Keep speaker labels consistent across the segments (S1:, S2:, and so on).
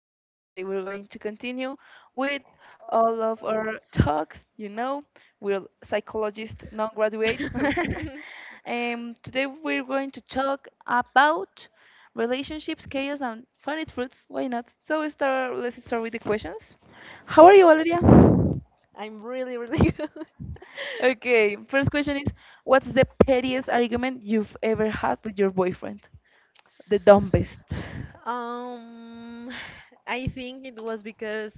S1: podcast. Today we're going to continue with all of our talks. You know, we're psychologists, non graduate. Today we're going to talk about relationships, chaos, and funny fruits. Why not? So, let's start with the questions. How are you, Valeria?
S2: I'm really, really good.
S1: Okay, first question is, what's the pettiest argument you've ever had with your boyfriend? The dumbest.
S2: Um, I think it was because,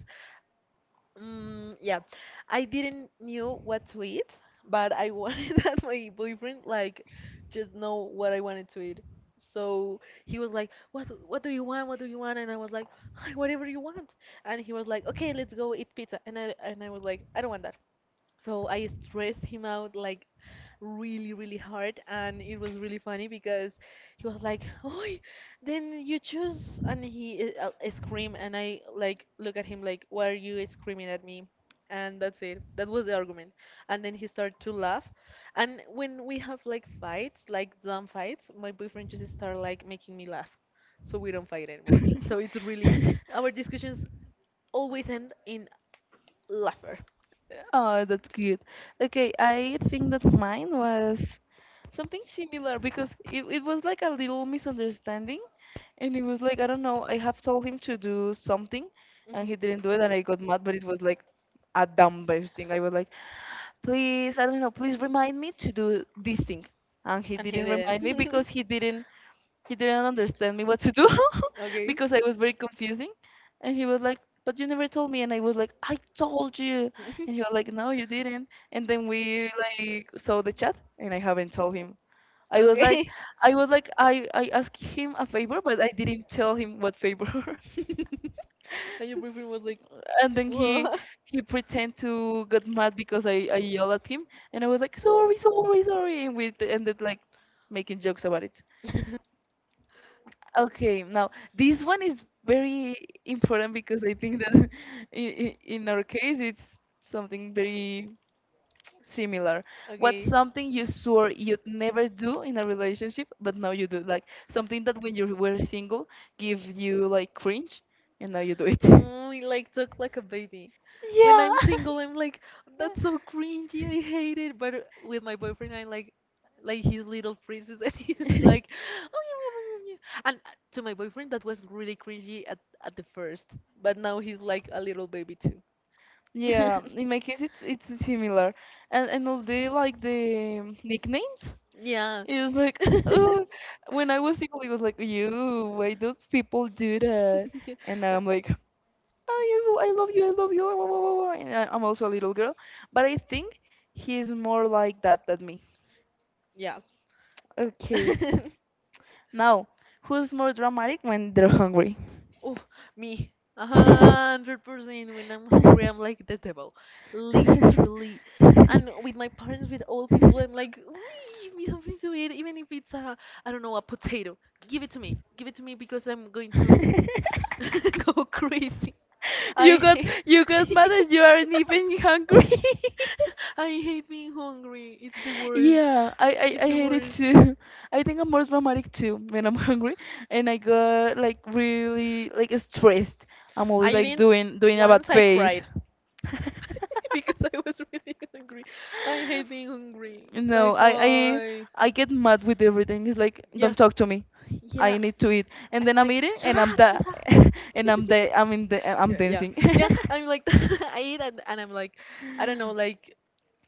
S2: um, yeah, I didn't knew what to eat, but I wanted that my boyfriend like just know what I wanted to eat. So he was like, "What? What do you want? What do you want?" And I was like, "Whatever you want." And he was like, "Okay, let's go eat pizza." And I was like, "I don't want that." So I stressed him out like really, really hard, and it was really funny because he was like, "Oh, then you choose," and he scream, and I like look at him like, "Why are you screaming at me?" And that's it. That was the argument. And then he started to laugh. And when we have like fights, like dumb fights, my boyfriend just start like making me laugh, so we don't fight anymore. So it's really our discussions always end in laughter.
S1: Oh, that's cute. Okay, I think that mine was something similar because it was like a little misunderstanding. And it was like, I don't know, I have told him to do something and he didn't do it and I got mad, but it was like a dumb base thing. I was like, please, I don't know, please remind me to do this thing. And he
S2: And he
S1: didn't remind me
S2: didn't.
S1: because he didn't understand me what to do.
S2: Okay.
S1: Because I was very confusing. And he was like, but you never told me. And I was like, I told you. And he was like, no, you didn't. And then we like saw the chat and I haven't told him. I was like,
S2: Okay.
S1: I asked him a favor, but I didn't tell him what favor.
S2: And your boyfriend was like,
S1: And then
S2: what?
S1: he pretend to get mad because I yell at him and I was like sorry, sorry, and we ended like making jokes about it. Okay, now this one is very important because I think that in our case it's something very similar. What's
S2: Okay.
S1: something you swore you'd never do in a relationship, but now you do? Like something that when you were single gives you like cringe, and now you do it.
S2: Oh, I like talk like a baby. When
S1: Yeah.
S2: I'm single, I'm like, that's so cringy. I hate it. But with my boyfriend, I like his little princess, and he's like, oh yeah, yeah, yeah, yeah, yeah." And to my boyfriend, that was really cringy at the first, but now he's like a little baby too.
S1: Yeah, in my case it's similar, and all the like the nicknames.
S2: Yeah.
S1: It was like, ugh. When I was single, it was like, you, why do people do that? And now I'm like, oh, you, I love you, I love you, wah, wah, wah, wah, and I'm also a little girl, but I think he's more like that than me.
S2: Yeah.
S1: Okay,
S2: Yeah.
S1: now, who's more dramatic when they're hungry?
S2: Oh, me. 100%. When I'm hungry, I'm like the devil. Literally. And with my parents, with old people, I'm like, "Ooh, give me something to eat, even if it's a, I don't know, a potato. Give it to me. Give it to me because I'm going to go crazy. I
S1: You got
S2: hate.
S1: mad that you aren't even hungry.
S2: I hate being hungry. It's the worst.
S1: Yeah,
S2: It's
S1: I
S2: the
S1: hate it
S2: worst.
S1: too. I think I'm more dramatic too when I'm hungry and I got like really like stressed. I'm
S2: I
S1: always like
S2: even
S1: doing a bad
S2: once I
S1: face.
S2: cried because I was really hungry. I hate being hungry.
S1: No,
S2: Like why?
S1: I get mad with everything. It's like,
S2: Yeah,
S1: don't talk to me. I
S2: yeah.
S1: need to eat. And
S2: I'm
S1: then I'm
S2: like,
S1: eating
S2: shut
S1: and I'm
S2: up,
S1: da
S2: shut up.
S1: and I'm in the I'm
S2: Yeah, yeah,
S1: dancing.
S2: yeah. I'm like, I eat and, I'm like, I don't know, like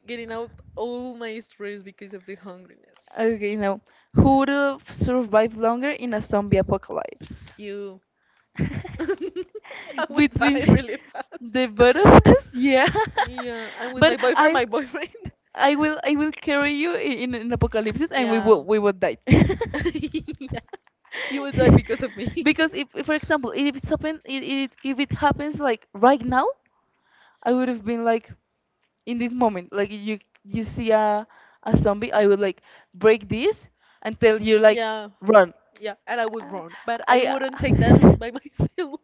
S2: getting out all my stress because of the hungriness.
S1: Okay, now, who would have survived longer in a zombie apocalypse?
S2: You, I would
S1: Between
S2: die really fast.
S1: the both of us, yeah.
S2: Yeah, I'm with
S1: But
S2: my boyfriend, my boyfriend.
S1: I will carry you in an apocalypse and
S2: Yeah,
S1: we will die.
S2: yeah. You would die because of me.
S1: Because if for example if it's happen if it happens like right now, I would have been like in this moment like you see a zombie, I would like break this until you like
S2: Yeah,
S1: run.
S2: yeah, and I would
S1: Uh,
S2: run, but
S1: I
S2: I wouldn't take that by myself.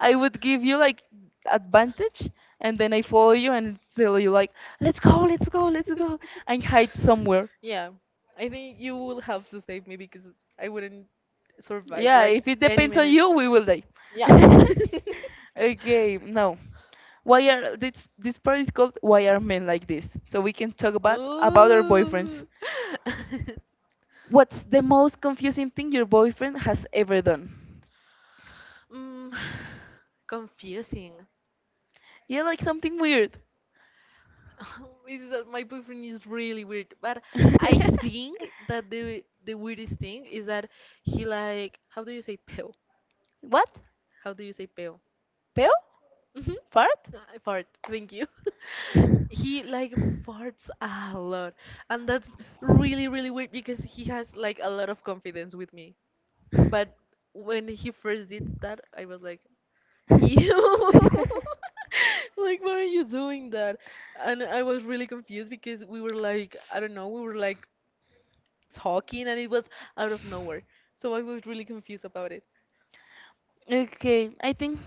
S1: I would give you like advantage and then I follow you and tell you like, let's go, let's go, let's go, and hide somewhere.
S2: Yeah, I think you will have to save me because I wouldn't survive
S1: Yeah,
S2: like
S1: if it
S2: any
S1: depends on
S2: minute.
S1: you, we will die.
S2: Yeah.
S1: Okay, now, why are this part is called "Why Are Men Like This?" So we can talk about our boyfriends.
S2: Ooh.
S1: What's the most confusing thing your boyfriend has ever done?
S2: Mm, confusing.
S1: Yeah, like something weird.
S2: Is that my boyfriend is really weird, but I think that the weirdest thing is that he like how do you say pale?
S1: What?
S2: How do you say pale?
S1: Peo?
S2: Mhm.
S1: Fart?
S2: I fart. Thank you. He like farts a lot, and that's really really weird because he has like a lot of confidence with me. But when he first did that, I was like, "Ew, like why are you doing that?" And I was really confused because we were like, I don't know, we were like talking, and it was out of nowhere. So I was really confused about it.
S1: Okay, I think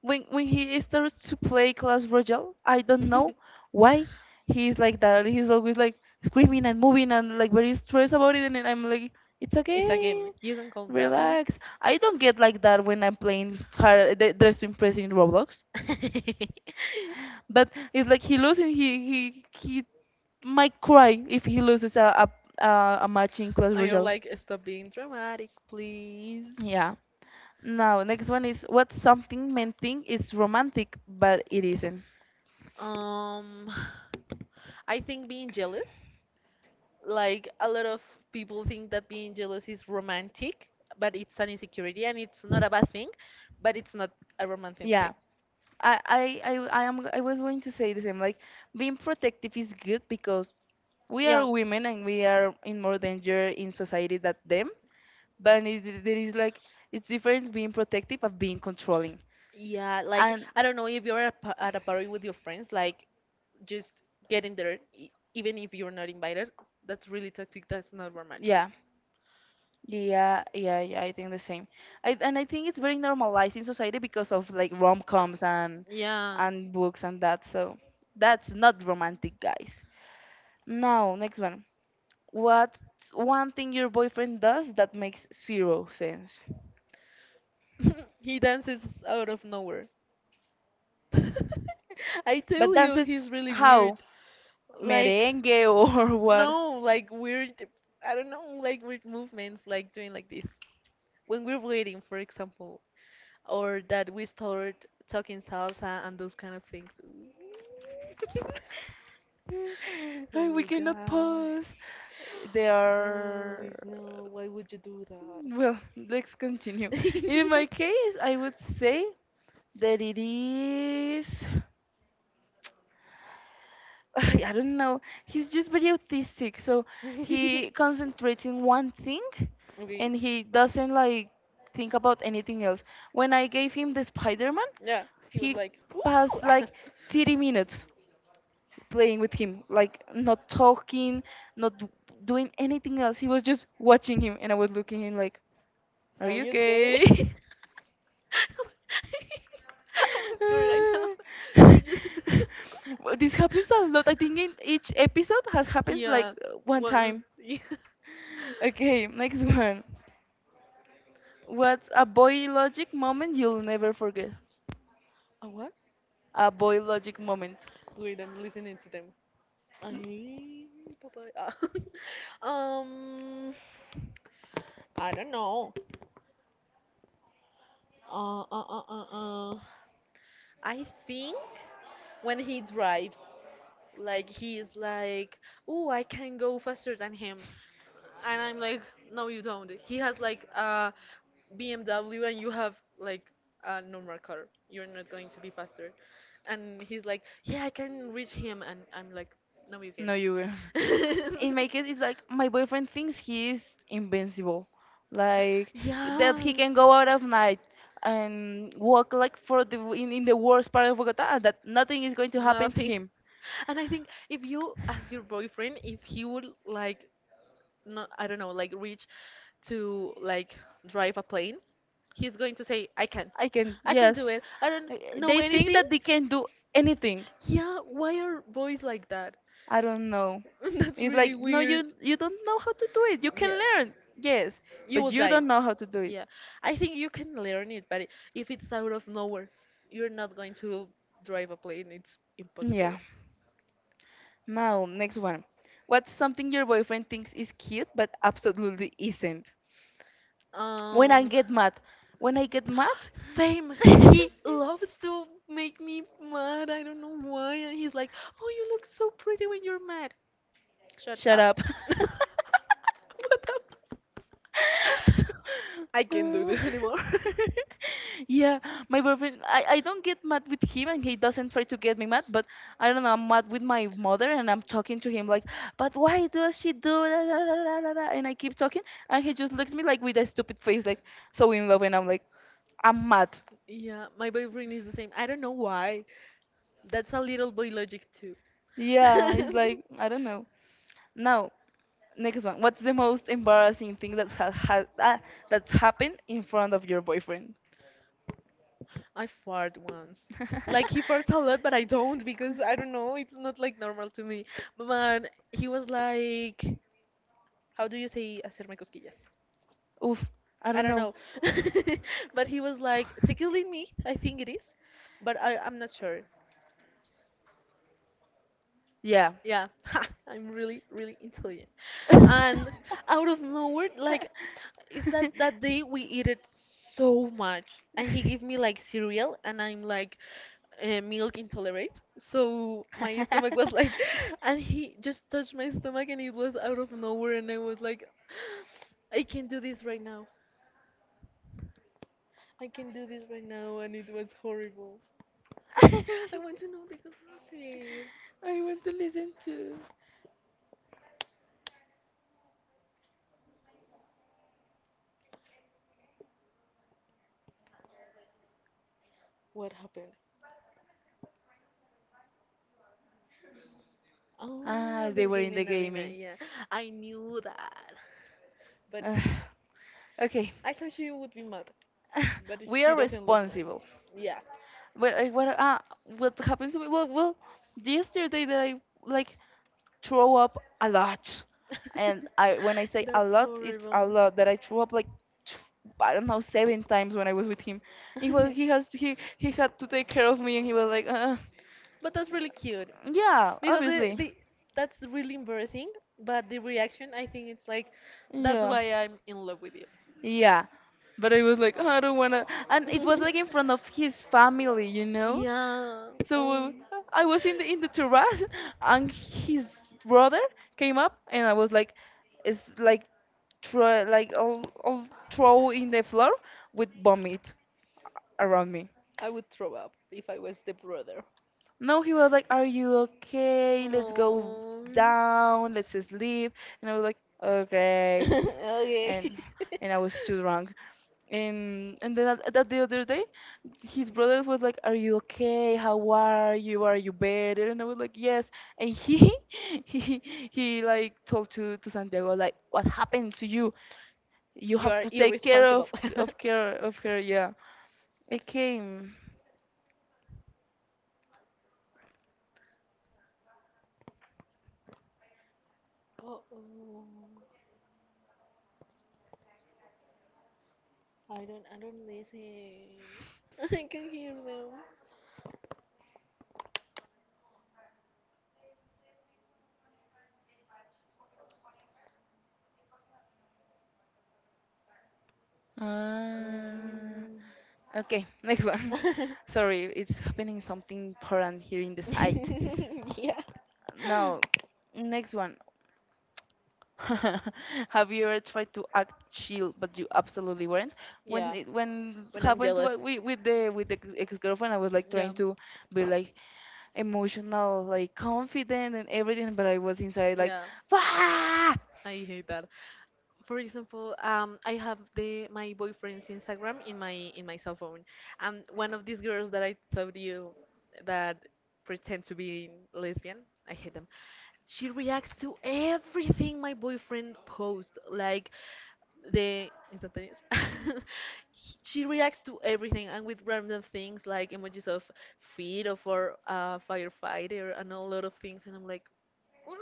S1: when he starts to play Clash Royale, I don't know why he's like that. He's always like screaming and moving and like very stressed about it, and then I'm like, it's
S2: It's a game.
S1: okay,
S2: You can calm down.
S1: relax. I don't get like that when I'm playing hard, the Dress to Impress in Roblox, but it's like he might cry if he loses a match in Clash
S2: And you're
S1: Royale.
S2: like, stop being dramatic, please.
S1: Yeah. Now, next one is, what's something men think is romantic but it isn't?
S2: Um, I think being jealous, like a lot of people think that being jealous is romantic, but it's an insecurity and it's not a bad thing, but it's not a romantic thing.
S1: Yeah, I, I, I, I am. I was going to say the same. Like being protective is good because we are
S2: Yeah.
S1: women and we are in more danger in society than them. But is like it's different being protective of being controlling.
S2: Yeah, like
S1: And
S2: I don't know if you're at at a party with your friends, like just get in there, even if you're not invited. That's really toxic. That's not romantic.
S1: yeah, yeah. I think the same. I think it's very normalized in society because of like rom-coms
S2: Yeah.
S1: and books and that. So that's not romantic, guys. Now, next one. What's one thing your boyfriend does that makes zero sense?
S2: He dances out of nowhere. I tell
S1: But
S2: you,
S1: dances
S2: he's really weird.
S1: how?
S2: Like,
S1: Merengue or what?
S2: no, like weird, I don't know, like weird movements, like doing like this. When we're waiting, for example, or that we start talking salsa and those kind of things.
S1: Ay, we
S2: Oh,
S1: cannot
S2: guy.
S1: pause. There are.
S2: Guys, no, why would you do that?
S1: Well, let's continue. In my case, I would say that it is. I don't know. He's just very autistic, so he concentrates in one thing and
S2: Okay.
S1: he doesn't like think about anything else. When I gave him the Spider Man,
S2: Yeah, he was
S1: he
S2: like,
S1: passed
S2: "Ooh,
S1: like 30 minutes playing with him, like not talking, not d- doing anything else. He was just watching him, and I was looking at him like, "Are
S2: are
S1: you
S2: you gay?"
S1: okay?"
S2: I'm scared right now. We're just.
S1: Well, this happens a lot. I think in each episode has happens like
S2: Yeah.
S1: one
S2: Once.
S1: time.
S2: Yeah.
S1: Okay, next one. What's a boy logic moment you'll never forget?
S2: A what?
S1: A boy logic moment.
S2: Wait, I'm listening to them. Ay, papá. Ah, um. I don't know. Uh, uh, uh, uh, uh. I think when he drives, like he's like, "Oh, I can go faster than him," and I'm like, no, you don't. He has like a BMW and you have like a normal car. You're not going to be faster. And he's like, yeah, I can reach him. And I'm like, no, you can't.
S1: No, you will. In my case, it's like my boyfriend thinks he is invincible, like that
S2: Yeah.
S1: he can go out at night and walk like for the in the worst part of Bogota and that nothing is going to happen to
S2: Nothing.
S1: him.
S2: And I think if you ask your boyfriend if he would like no, I don't know, like reach to like drive a plane, he's going to say, I can.
S1: I can,
S2: I can do
S1: yes.
S2: it. I don't
S1: Uh,
S2: know
S1: they think
S2: anything.
S1: that they can do anything.
S2: Yeah, why are boys like that?
S1: I don't know.
S2: That's
S1: It's
S2: really
S1: like no,
S2: weird.
S1: you don't know how to do it. You can
S2: Yeah.
S1: learn, yes,
S2: You
S1: but
S2: will
S1: you
S2: die.
S1: don't know how to do it.
S2: Yeah. I think you can learn it, but if it's out of nowhere, you're not going to drive a plane. It's
S1: Yeah.
S2: impossible.
S1: Now, next one. What's something your boyfriend thinks is cute but absolutely isn't? When I
S2: Um,
S1: get mad. When I get mad?
S2: same, he loves to make me mad. I don't know why. And he's like, "Oh, you look so pretty when you're mad." Shut
S1: Shut
S2: up.
S1: up.
S2: What up? I can't do
S1: Uh,
S2: this anymore.
S1: yeah, my boyfriend. I don't get mad with him, and he doesn't try to get me mad. But I don't know. I'm mad with my mother, and I'm talking to him like, but why does she do that? Da, da, da, da, da, and I keep talking, and he just looks at me like with a stupid face, like so in love, and I'm like, I'm mad.
S2: Yeah, my boyfriend is the same. I don't know why. That's a little boy logic too.
S1: Yeah, it's like I don't know. Now, next one. What's the most embarrassing thing that's that's happened in front of your boyfriend?
S2: I fart once. Like he farts a lot, but I don't because I don't know. It's not like normal to me. But man, he was like, how do you say hacerme cosquillas?
S1: Oof, I
S2: I
S1: don't
S2: don't
S1: know.
S2: know. But he was like, tickling me, I think it is. But I'm not sure.
S1: Yeah.
S2: Yeah, I'm really, really intelligent.
S1: I
S2: And out of nowhere, like, is that that day we eat it so much. And he gave me like cereal, and I'm like, milk intolerant. So my stomach was like, and he just touched my stomach, and it was out of nowhere. And I was like, I can't do this right now. I can do this right now, and it was horrible. I want to know the gossip.
S1: want to listen to.
S2: What happened? Oh,
S1: Ah,
S2: the
S1: they were in the
S2: gaming arena.
S1: gaming.
S2: Yeah, I knew that. But
S1: Ugh. Okay,
S2: I thought she would be mad. But
S1: we
S2: she
S1: are
S2: doesn't look mad.
S1: responsible.
S2: Yeah.
S1: Well, what? Ah, what happens to me? Well, yesterday that I like throw up a lot. And I when I say a
S2: That's
S1: lot, it's a
S2: horrible.
S1: lot that I threw up like th- I don't know, seven times when I was with him. He had to take care of me, and he was like,
S2: But that's really cute
S1: yeah,
S2: because
S1: obviously,
S2: the that's really embarrassing. But the reaction, I think it's like, that's
S1: yeah,
S2: why I'm in love with you.
S1: yeah. But I was like, "Oh, I don't wanna," and it was like in front of his family, you know.
S2: Yeah.
S1: So I was in the terrace, and his brother came up, and I was like, it's like try like all throw in the floor with vomit around me.
S2: I would throw up if I was the brother.
S1: No, he was like, "Are you okay? Let's go
S2: Oh.
S1: down. Let's sleep." And I was like, "Okay."
S2: Okay.
S1: And I was too drunk. And then at the other day, his brother was like, "Are you okay? How are you? Are you better?" And I was like, "Yes." And he he he like told to Santiago like, "What happened to you? You
S2: You
S1: have
S2: are
S1: to take care
S2: irresponsible.
S1: of care of her." Yeah. Okay. Mm,
S2: Oh, oh. I don't. I don't listen. I can hear them.
S1: uh, okay. Next one. Sorry, it's happening something important here in the site.
S2: Mm. Yeah.
S1: Now, next one. Have you ever tried to act chill but you absolutely weren't? When
S2: Yeah.
S1: it when
S2: When I'm
S1: happens
S2: jealous.
S1: like, with
S2: Yeah.
S1: with the ex girlfriend, I was like trying to be like emotional, like confident and everything, but I was inside like,
S2: Yeah,
S1: "Wah!"
S2: I hate that. For example, I have the my boyfriend's Instagram in my cell phone, and one of these girls that I told you that pretend to be lesbian, I hate them. She reacts to everything my boyfriend posts. Like the instantaneous. She reacts to everything and with random things like emojis of feet of our firefighter and a lot of things and I'm like, "Why?"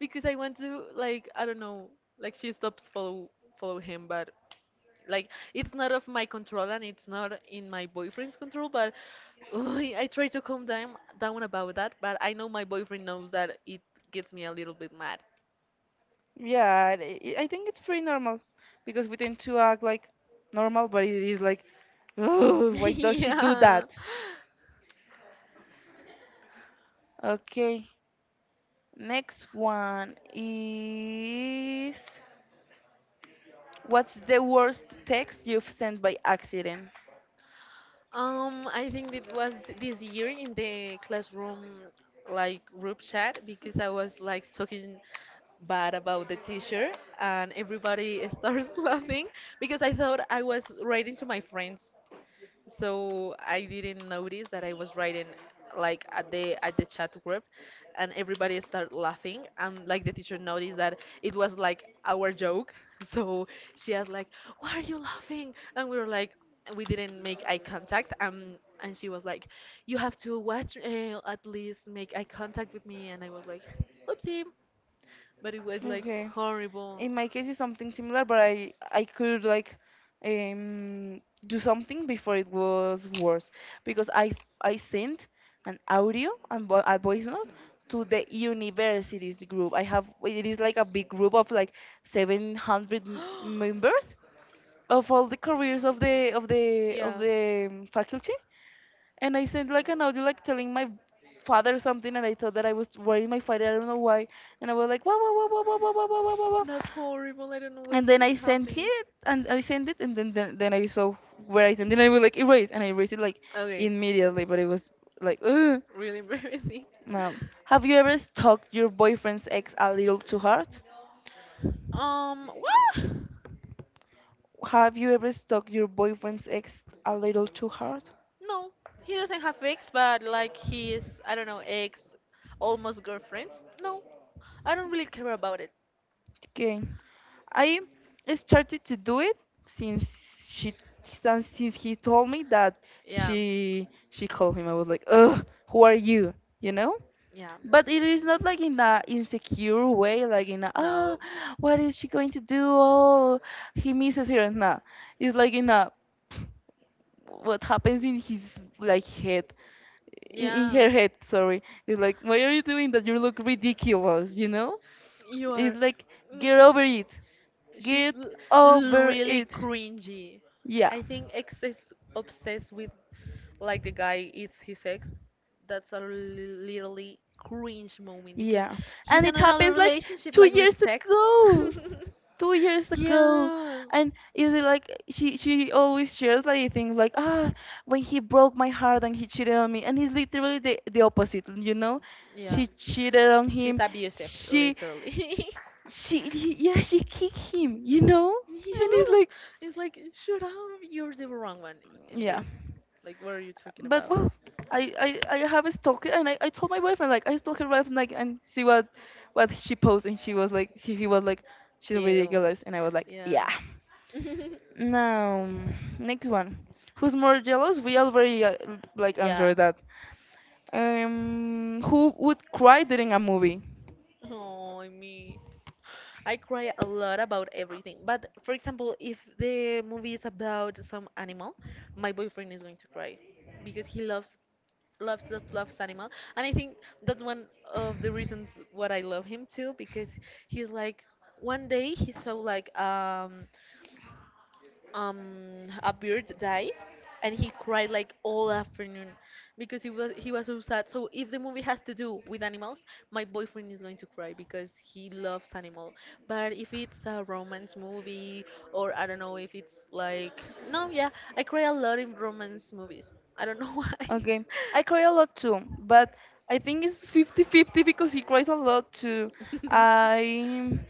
S2: Because I want to like I don't know like she stops follow him but like it's not of my control and it's not in my boyfriend's control but uy, I try to calm down about that but I know my boyfriend knows that it gets me a little bit mad.
S1: Yeah, I think it's pretty normal because we tend to act like normal, but it is like, oh, why does she do
S2: Yeah.
S1: that? Okay, next one is, what's the worst text you've sent by accident?
S2: I think it was this year in the classroom like group chat because I was like talking bad about the teacher and everybody starts laughing because I thought I was writing to my friends so I didn't notice that I was writing like at the chat group and everybody started laughing and like the teacher noticed that it was like our joke. So she asked like, "Why are you laughing?" And we were like we didn't make eye contact and she was like, "You have to watch at least make eye contact with me." And I was like, "Oopsie." But it was like
S1: Okay,
S2: horrible.
S1: in my case it's something similar, but I could, like, um do something before it was worse, because I sent an audio and a voice note to the universities group I have. It is like a big group of, like, 700 members of all the careers of
S2: Yeah.
S1: the faculty. And I sent like an audio like telling my father something, and I thought that I was writing my father, I don't know why. And I was like, wah wah wah wah wah wah wah wah wah wah, wah.
S2: That's horrible. I don't know
S1: And
S2: when
S1: then
S2: it
S1: I sent
S2: happens.
S1: it, and I sent it, and then I saw where I sent it, and I was like, erase, and I erased it, like,
S2: Okay,
S1: immediately. But it was like, ugh.
S2: really embarrassing.
S1: No. Have you ever stalked your boyfriend's ex a little too hard?
S2: Well,
S1: Have you ever stalked your boyfriend's ex a little too hard?
S2: no, he doesn't have ex, but like his, I don't know, ex, almost girlfriends. No, I don't really care about it.
S1: Okay, I started to do it since she since he told me that
S2: Yeah,
S1: she called him. I was like, ugh, who are you? You know?
S2: yeah,
S1: But it is not like in a insecure way, like in a, ah,
S2: no,
S1: what is she going to do? Oh, he misses her. Nah, it's like in a what happens in his, like, head, in
S2: yeah.
S1: her head. Sorry, it's like, why are you doing that? You look ridiculous. You know,
S2: You
S1: it's
S2: are.
S1: like
S2: Mm,
S1: get over it,
S2: she's
S1: get over
S2: really
S1: it.
S2: cringy.
S1: Yeah,
S2: I think ex is obsessed with like the guy eats his ex. That's a literally cringe moment because
S1: yeah,
S2: he's
S1: and
S2: in
S1: it
S2: another
S1: happens like
S2: relationship.
S1: two
S2: Like
S1: years
S2: respect.
S1: ago. 2 years ago.
S2: Yeah.
S1: And is it like she always shares, like, things like, ah, when he broke my heart and he cheated on me, and it's literally the opposite, you know.
S2: Yeah.
S1: She cheated on
S2: She's
S1: him.
S2: abusive,
S1: she
S2: literally.
S1: yeah, she kicked him, you know.
S2: Yeah.
S1: And it's like,
S2: It's like shut up. You're the wrong one in
S1: yeah.
S2: this. Like what are you talking
S1: But
S2: about?
S1: well, I have a stalker, and I told my boyfriend like, I stalked her last night and see what she posted. And she was like, he was like, she's
S2: Ew.
S1: ridiculous, and I was like,
S2: Yeah.
S1: yeah. Now, next one. Who's more jealous? We already like
S2: Yeah.
S1: answered that. Who would cry during a movie?
S2: Oh, me. I cry a lot about everything. But for example, if the movie is about some animal, my boyfriend is going to cry because he loves animal, and I think that's one of the reasons what I love him too because he's like one day he saw like a bird died and he cried like all afternoon because he was so sad. So if the movie has to do with animals, my boyfriend is going to cry because he loves animal. But if it's a romance movie, or I don't know, if it's like, no, yeah, I cry a lot in romance movies. I don't know why.
S1: Okay, I cry a lot too, but I think it's fifty-fifty because he cries a lot too. I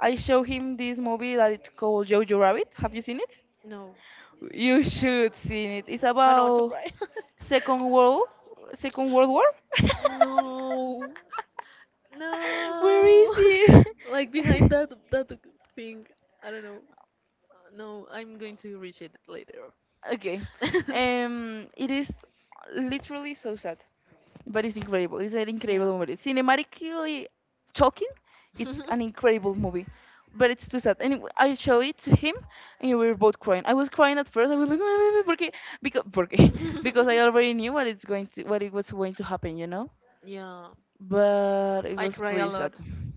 S1: I show him this movie that it's called Jojo Rabbit. Have you seen it?
S2: No.
S1: You should see it. It's about Second World Second World War.
S2: No,
S1: Where
S2: no.
S1: is he?
S2: Like behind that thing, I don't know. No, I'm going to reach it later.
S1: Okay. It is literally so sad, but it's incredible. It's an
S2: Yeah.
S1: incredible movie. Cinematically talking, it's an incredible movie, but it's too sad. And I show it to him, and we were both crying. I was crying at first. I was like, porque, because, porque, because I already knew what it's going to, what it was going to happen, you know.
S2: Yeah,
S1: But it
S2: I
S1: was
S2: cry a
S1: pretty sad.
S2: lot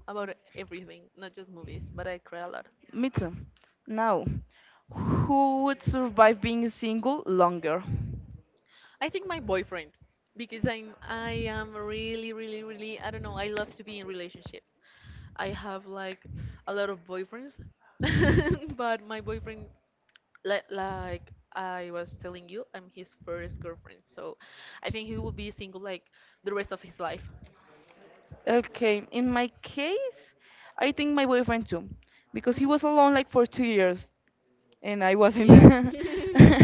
S2: about everything, not just movies, but I cry a lot.
S1: Me too. Now, who would survive being single longer?
S2: I think my boyfriend, because I am really, really, really, I don't know, I love to be in relationships. I have like a lot of boyfriends, but my boyfriend, like I was telling you, I'm his first girlfriend, so I think he will be single like the rest of his life.
S1: Okay, in my case, I think my boyfriend too, because he
S2: Mhm.
S1: was alone like for 2 years and I wasn't.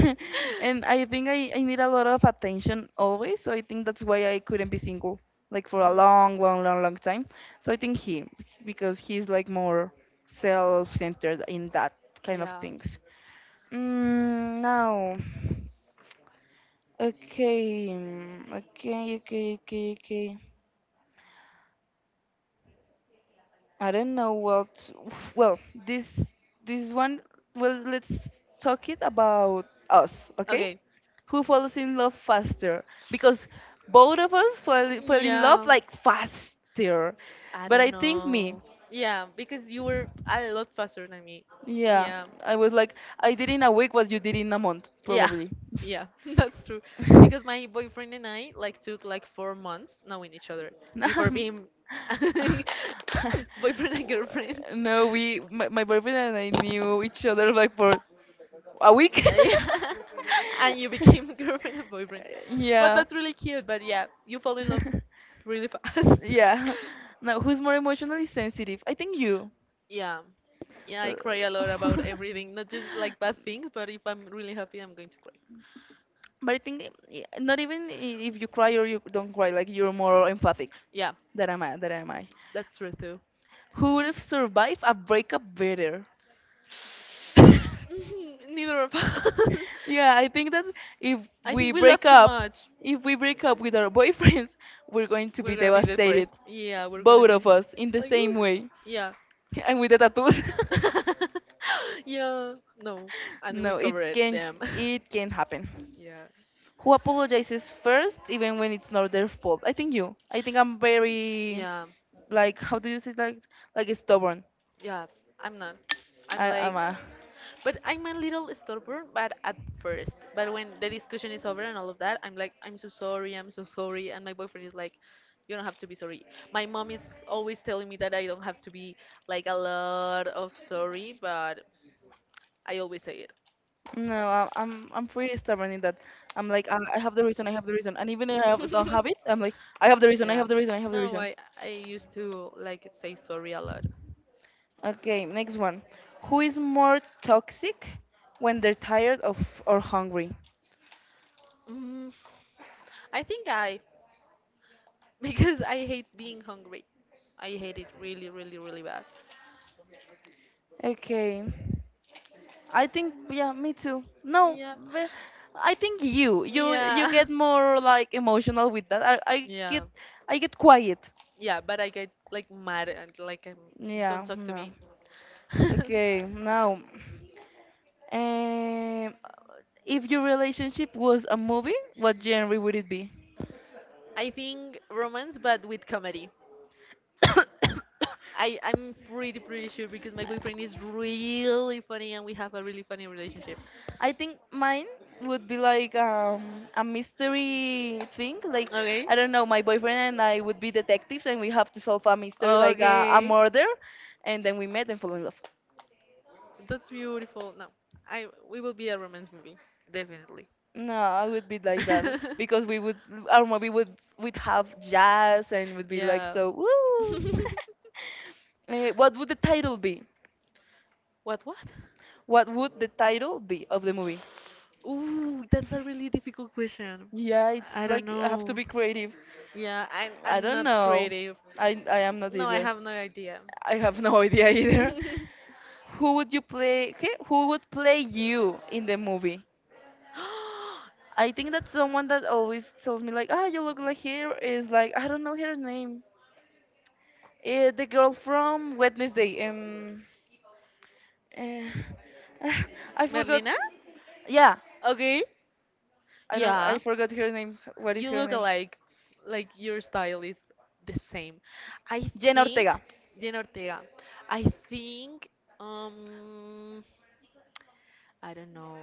S1: And I think I need a lot of attention always, so I think that's why I couldn't be single like for a
S2: Mhm.
S1: long, long, long, long time. So I think he, because he's like more self-centered in that kind of
S2: Yeah.
S1: things. Mm, now, okay, mm, okay, okay, okay, okay. I don't know what. Well, this one. Well, let's talk it about us, okay?
S2: Okay.
S1: Who falls in love faster? Because both of us fell in
S2: Yeah.
S1: love like faster.
S2: I
S1: But
S2: don't
S1: I think me.
S2: know. Yeah, because you were a lot faster than me.
S1: Yeah,
S2: Yeah.
S1: I was like I did in a week what you did in a month,
S2: Yeah,
S1: probably.
S2: yeah, that's true. Because my boyfriend and I like took like 4 months knowing each other before
S1: No,
S2: being boyfriend and girlfriend.
S1: no, we my boyfriend and I knew each other like for a week?
S2: Yeah, and you became girlfriend and boyfriend. But
S1: Yeah.
S2: that's really cute. But yeah, you fall in love really fast.
S1: Yeah. Now, who's more emotionally sensitive? I think you.
S2: Yeah, yeah, I
S1: Uh,
S2: cry a lot about everything, not just like bad things, but if I'm really happy, I'm going to cry.
S1: but I think not even if you cry or you don't cry, like you're more empathic
S2: Yeah,
S1: than am I. Than am I.
S2: that's true too.
S1: Who would have survived a breakup better?
S2: Neither of us.
S1: Yeah, I think that if
S2: I
S1: we
S2: think we love
S1: break
S2: too
S1: up,
S2: much.
S1: if we break up with our boyfriends, we're going to
S2: We're
S1: be
S2: gonna be
S1: devastated.
S2: depressed. Yeah, we're gonna
S1: Both
S2: be
S1: of us in the
S2: like,
S1: same
S2: "Ugh."
S1: way.
S2: Yeah.
S1: And with the tattoos.
S2: Yeah, no, and we
S1: No,
S2: covered them.
S1: it can happen.
S2: Yeah,
S1: Who apologizes first even when it's not their fault? I think you. I think I'm very,
S2: yeah,
S1: like, how do you say, like stubborn.
S2: yeah. I'm not. I'm
S1: I
S2: like,
S1: am a...
S2: but I'm a little stubborn, but at first. But when the discussion is over and all of that, I'm like, I'm so sorry, I'm so sorry. And my boyfriend is like, you don't have to be sorry. My mom is always telling me that I don't have to be like a lot of sorry, but I always say it.
S1: No, I'm pretty stubborn in that. I'm like, I have the reason, I have the reason, and even if don't have it, I'm like, I have the reason, I
S2: Yeah.
S1: have the reason, I have the
S2: No,
S1: reason.
S2: I used to like say sorry a lot.
S1: Okay, next one. Who is more toxic when they're tired of or hungry?
S2: Mm, I think I, because I hate being hungry. I hate it really, really, really bad.
S1: Okay, I think, yeah, me too. No,
S2: Yeah.
S1: but I think you
S2: Yeah.
S1: get more like emotional with that. I get...
S2: Yeah.
S1: I get quiet.
S2: Yeah, but I get like mad and like don't
S1: Yeah,
S2: talk to
S1: no.
S2: me.
S1: Okay, now, um, if your relationship was a movie, what genre would it be?
S2: I think romance but with comedy. I'm pretty sure because my boyfriend is really funny and we have a really funny relationship.
S1: I think mine would be like, a mystery thing. Like,
S2: Okay?
S1: I don't know, my boyfriend and I would be detectives, and we have to solve a mystery, like, a
S2: Okay.
S1: murder, and then we met and fall in love.
S2: That's beautiful. No, I we will be a romance movie, definitely.
S1: No, I would be like that because we would... our movie would have jazz and would be like,
S2: Yeah.
S1: so. Woo! Eh, what would the title be?
S2: What what?
S1: What would the title be of the movie?
S2: Ooh, that's a really difficult question.
S1: Yeah, it's
S2: I don't
S1: like, I have to
S2: know.
S1: be creative.
S2: Yeah, I'm
S1: I
S2: I'm
S1: don't
S2: not
S1: know.
S2: creative.
S1: I am not
S2: No, I
S1: either.
S2: have no idea.
S1: I have no idea either. Who would you play? Okay, who would play you in the movie? I think that someone that always tells me like, "Ah, you look like her," is like, I don't know her name. The girl from Wednesday. Uh, ah, I forgot.
S2: Merlina?
S1: Yeah,
S2: Okay.
S1: I don't. I
S2: Yeah.
S1: forgot her name. What is
S2: You
S1: her
S2: look
S1: name?
S2: alike. Like your style is the same. I
S1: Jenna
S2: think
S1: Ortega.
S2: Jen Ortega. I think um I don't know.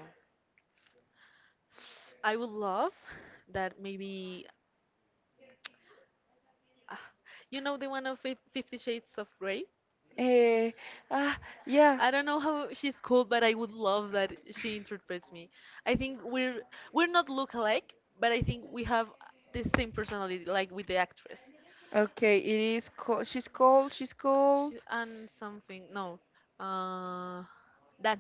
S2: I would love that maybe ah, you know the one of Fifty Shades of Grey?
S1: Uh, ah, yeah.
S2: I don't know how she's called, but I would love that she interprets me. I think we're not look alike, but I think we have the same personality, like with the actress.
S1: Okay, it is. She's called. She's
S2: She,
S1: called
S2: and something, no. Uh,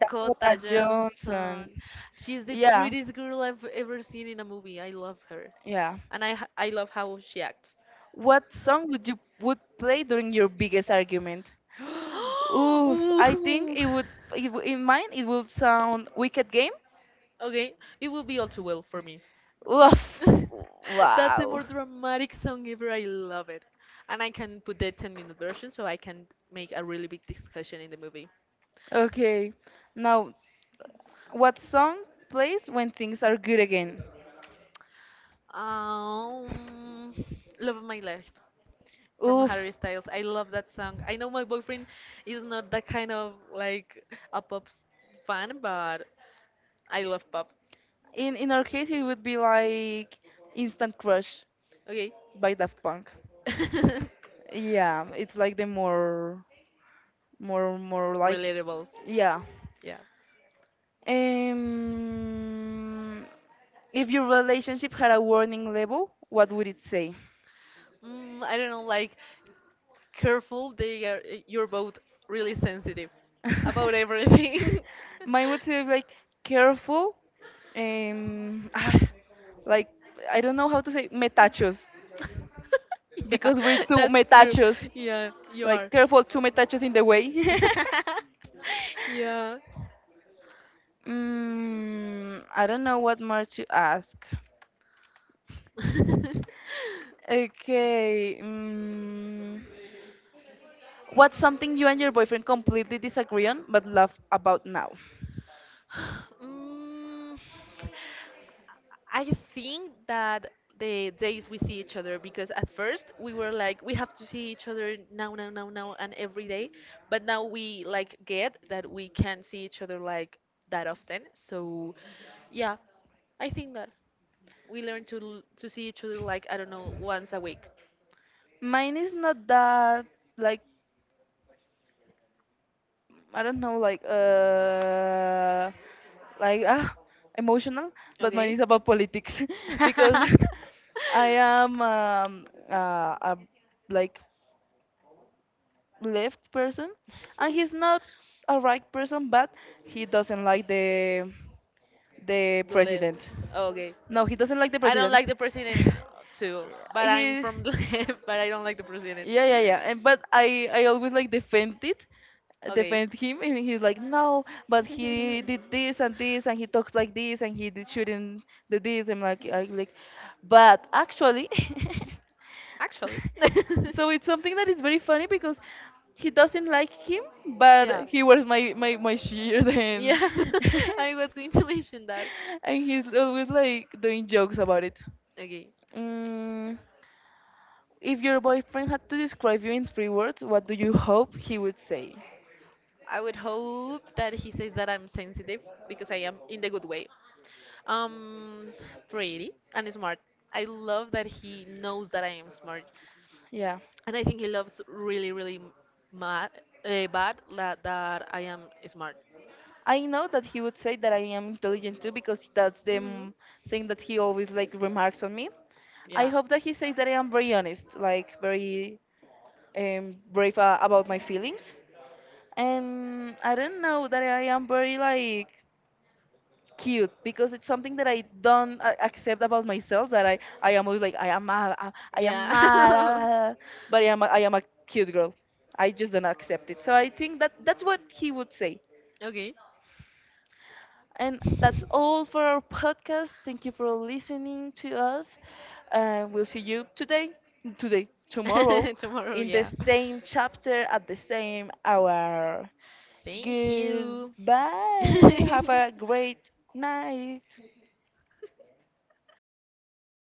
S1: Dakota Johnson.
S2: Johnson. She's the
S1: Yeah,
S2: prettiest girl I've ever seen in a movie. I love her.
S1: yeah.
S2: And I, I love how she acts.
S1: What song would you would play during your biggest argument? Oof, I think
S2: Ooh.
S1: it would... in mine it would sound Wicked Game.
S2: Okay, it will be all too well for me.
S1: Oof,
S2: That's the
S1: wow.
S2: more dramatic song ever. I love it. And I can put the 10-minute version so I can make a really big discussion in the movie.
S1: Okay, now, what song plays when things are good again?
S2: Um, Love of My Life. From
S1: Oof,
S2: Harry Styles. I love that song. I know my boyfriend is not that kind of like a fan, but I love pop.
S1: in our case it would be like Instant Crush
S2: Okay.
S1: by Daft Punk. Yeah, it's like the more like,
S2: Relatable.
S1: yeah.
S2: Yeah.
S1: Um, If your relationship had a warning label, what would it say?
S2: Mm, I don't know, like careful, they are, you're both really sensitive about everything.
S1: Mine would say like, careful, ah, like, I don't know how to say metachos
S2: Yeah,
S1: because we're two
S2: that's true.
S1: metachos.
S2: Yeah, you are.
S1: Like, careful, two metachos in the way.
S2: Yeah.
S1: Mm, I don't know what more to ask. Okay. Mm, what's something you and your boyfriend completely disagree on but love about now?
S2: Mm, I think that the days we see each other, because at first we were like, we have to see each other now, now, now, now, and every day. But now we like get that we can't see each other like that often. So yeah, I think that we learn to to see each other like I don't know once a week.
S1: Mine is not that, like, I don't know, like, like, ah, emotional, but mine
S2: Okay.
S1: is about politics, because I am, a like left person, and he's not a right person, but he doesn't like the
S2: The Left.
S1: president.
S2: Okay.
S1: No, he doesn't like the
S2: I don't
S1: president.
S2: like the president too, but I'm
S1: He,
S2: from the but I don't like the president.
S1: yeah, yeah, yeah, and but I always like defend it...
S2: Okay.
S1: defend him, and he's like, no, but he did this and this, and he talks like this, and he did shouldn't do this. I'm like, I like... but actually
S2: Actually,
S1: so it's something that is very funny because he doesn't like him, but
S2: yeah.
S1: he wears my shirt, and
S2: Yeah, I was going to mention that.
S1: and he's always like doing jokes about it.
S2: Okay.
S1: Mm, if your boyfriend had to describe you in three words, what do you hope he would say?
S2: I would hope that he says that I'm sensitive because I am in the good way. Um, pretty and smart. I love that he knows that I am smart.
S1: Yeah.
S2: And I think he loves really, really mad, bad that I am smart.
S1: I know that he would say that I am intelligent too because that's the,
S2: Hmm.
S1: mm, thing that he always like remarks on me. I
S2: Yeah.
S1: hope that he says that I am very honest, like very, brave about my feelings. And I don't know, that I am very like, cute, because it's something that I don't accept about myself. That I am always like, I am mad, I am mad,
S2: Yeah.
S1: ah," but I am a cute girl. I just don't accept it. So I think that that's what he would say.
S2: Okay.
S1: And that's all for our podcast. Thank you for listening to us. We'll see you today, tomorrow,
S2: Tomorrow,
S1: in the
S2: yeah.
S1: same chapter at the same hour.
S2: Thank you.
S1: Goodbye. Have a great night.